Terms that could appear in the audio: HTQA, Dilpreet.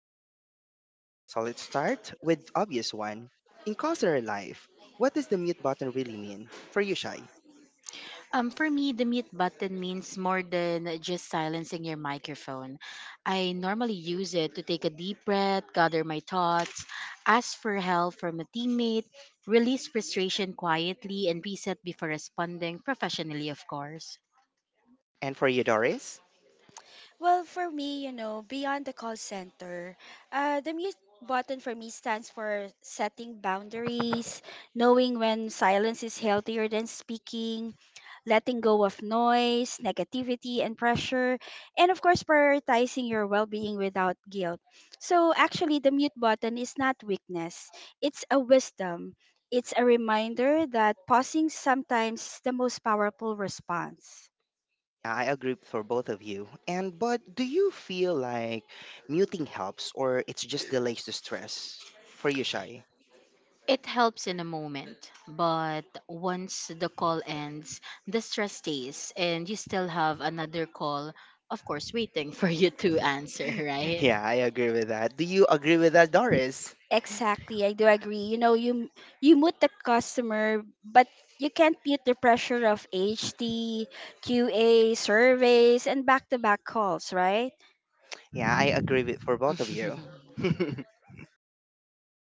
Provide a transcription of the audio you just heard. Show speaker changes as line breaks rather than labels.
BPO life. So let's start with obvious one. In consular life, what does the mute button really mean? For you, Shai.
For me, the mute button means more than just silencing your microphone. I normally use it to take a deep breath, gather my thoughts, ask for help from a teammate, release frustration quietly, and reset before responding professionally, of course.
And for you, Doris?
Well, for me, beyond the call center, the mute button for me stands for setting boundaries, knowing when silence is healthier than speaking, letting go of noise, negativity, and pressure, and of course, prioritizing your well being without guilt. So, actually, the mute button is not weakness, it's a wisdom. It's a reminder that pausing sometimes is the most powerful response.
I agree for both of you. And but do you feel like muting helps or it's just delays the stress? For you, Shai.
It helps in a moment, but once the call ends, the stress stays, and you still have another call, of course, waiting for you to answer, right?
Yeah, I agree with that. Do you agree with that, Doris?
Exactly, I do agree. You know, you mute the customer, but you can't mute the pressure of HTQA surveys, and back-to-back calls, right?
Yeah, I agree with for both of you.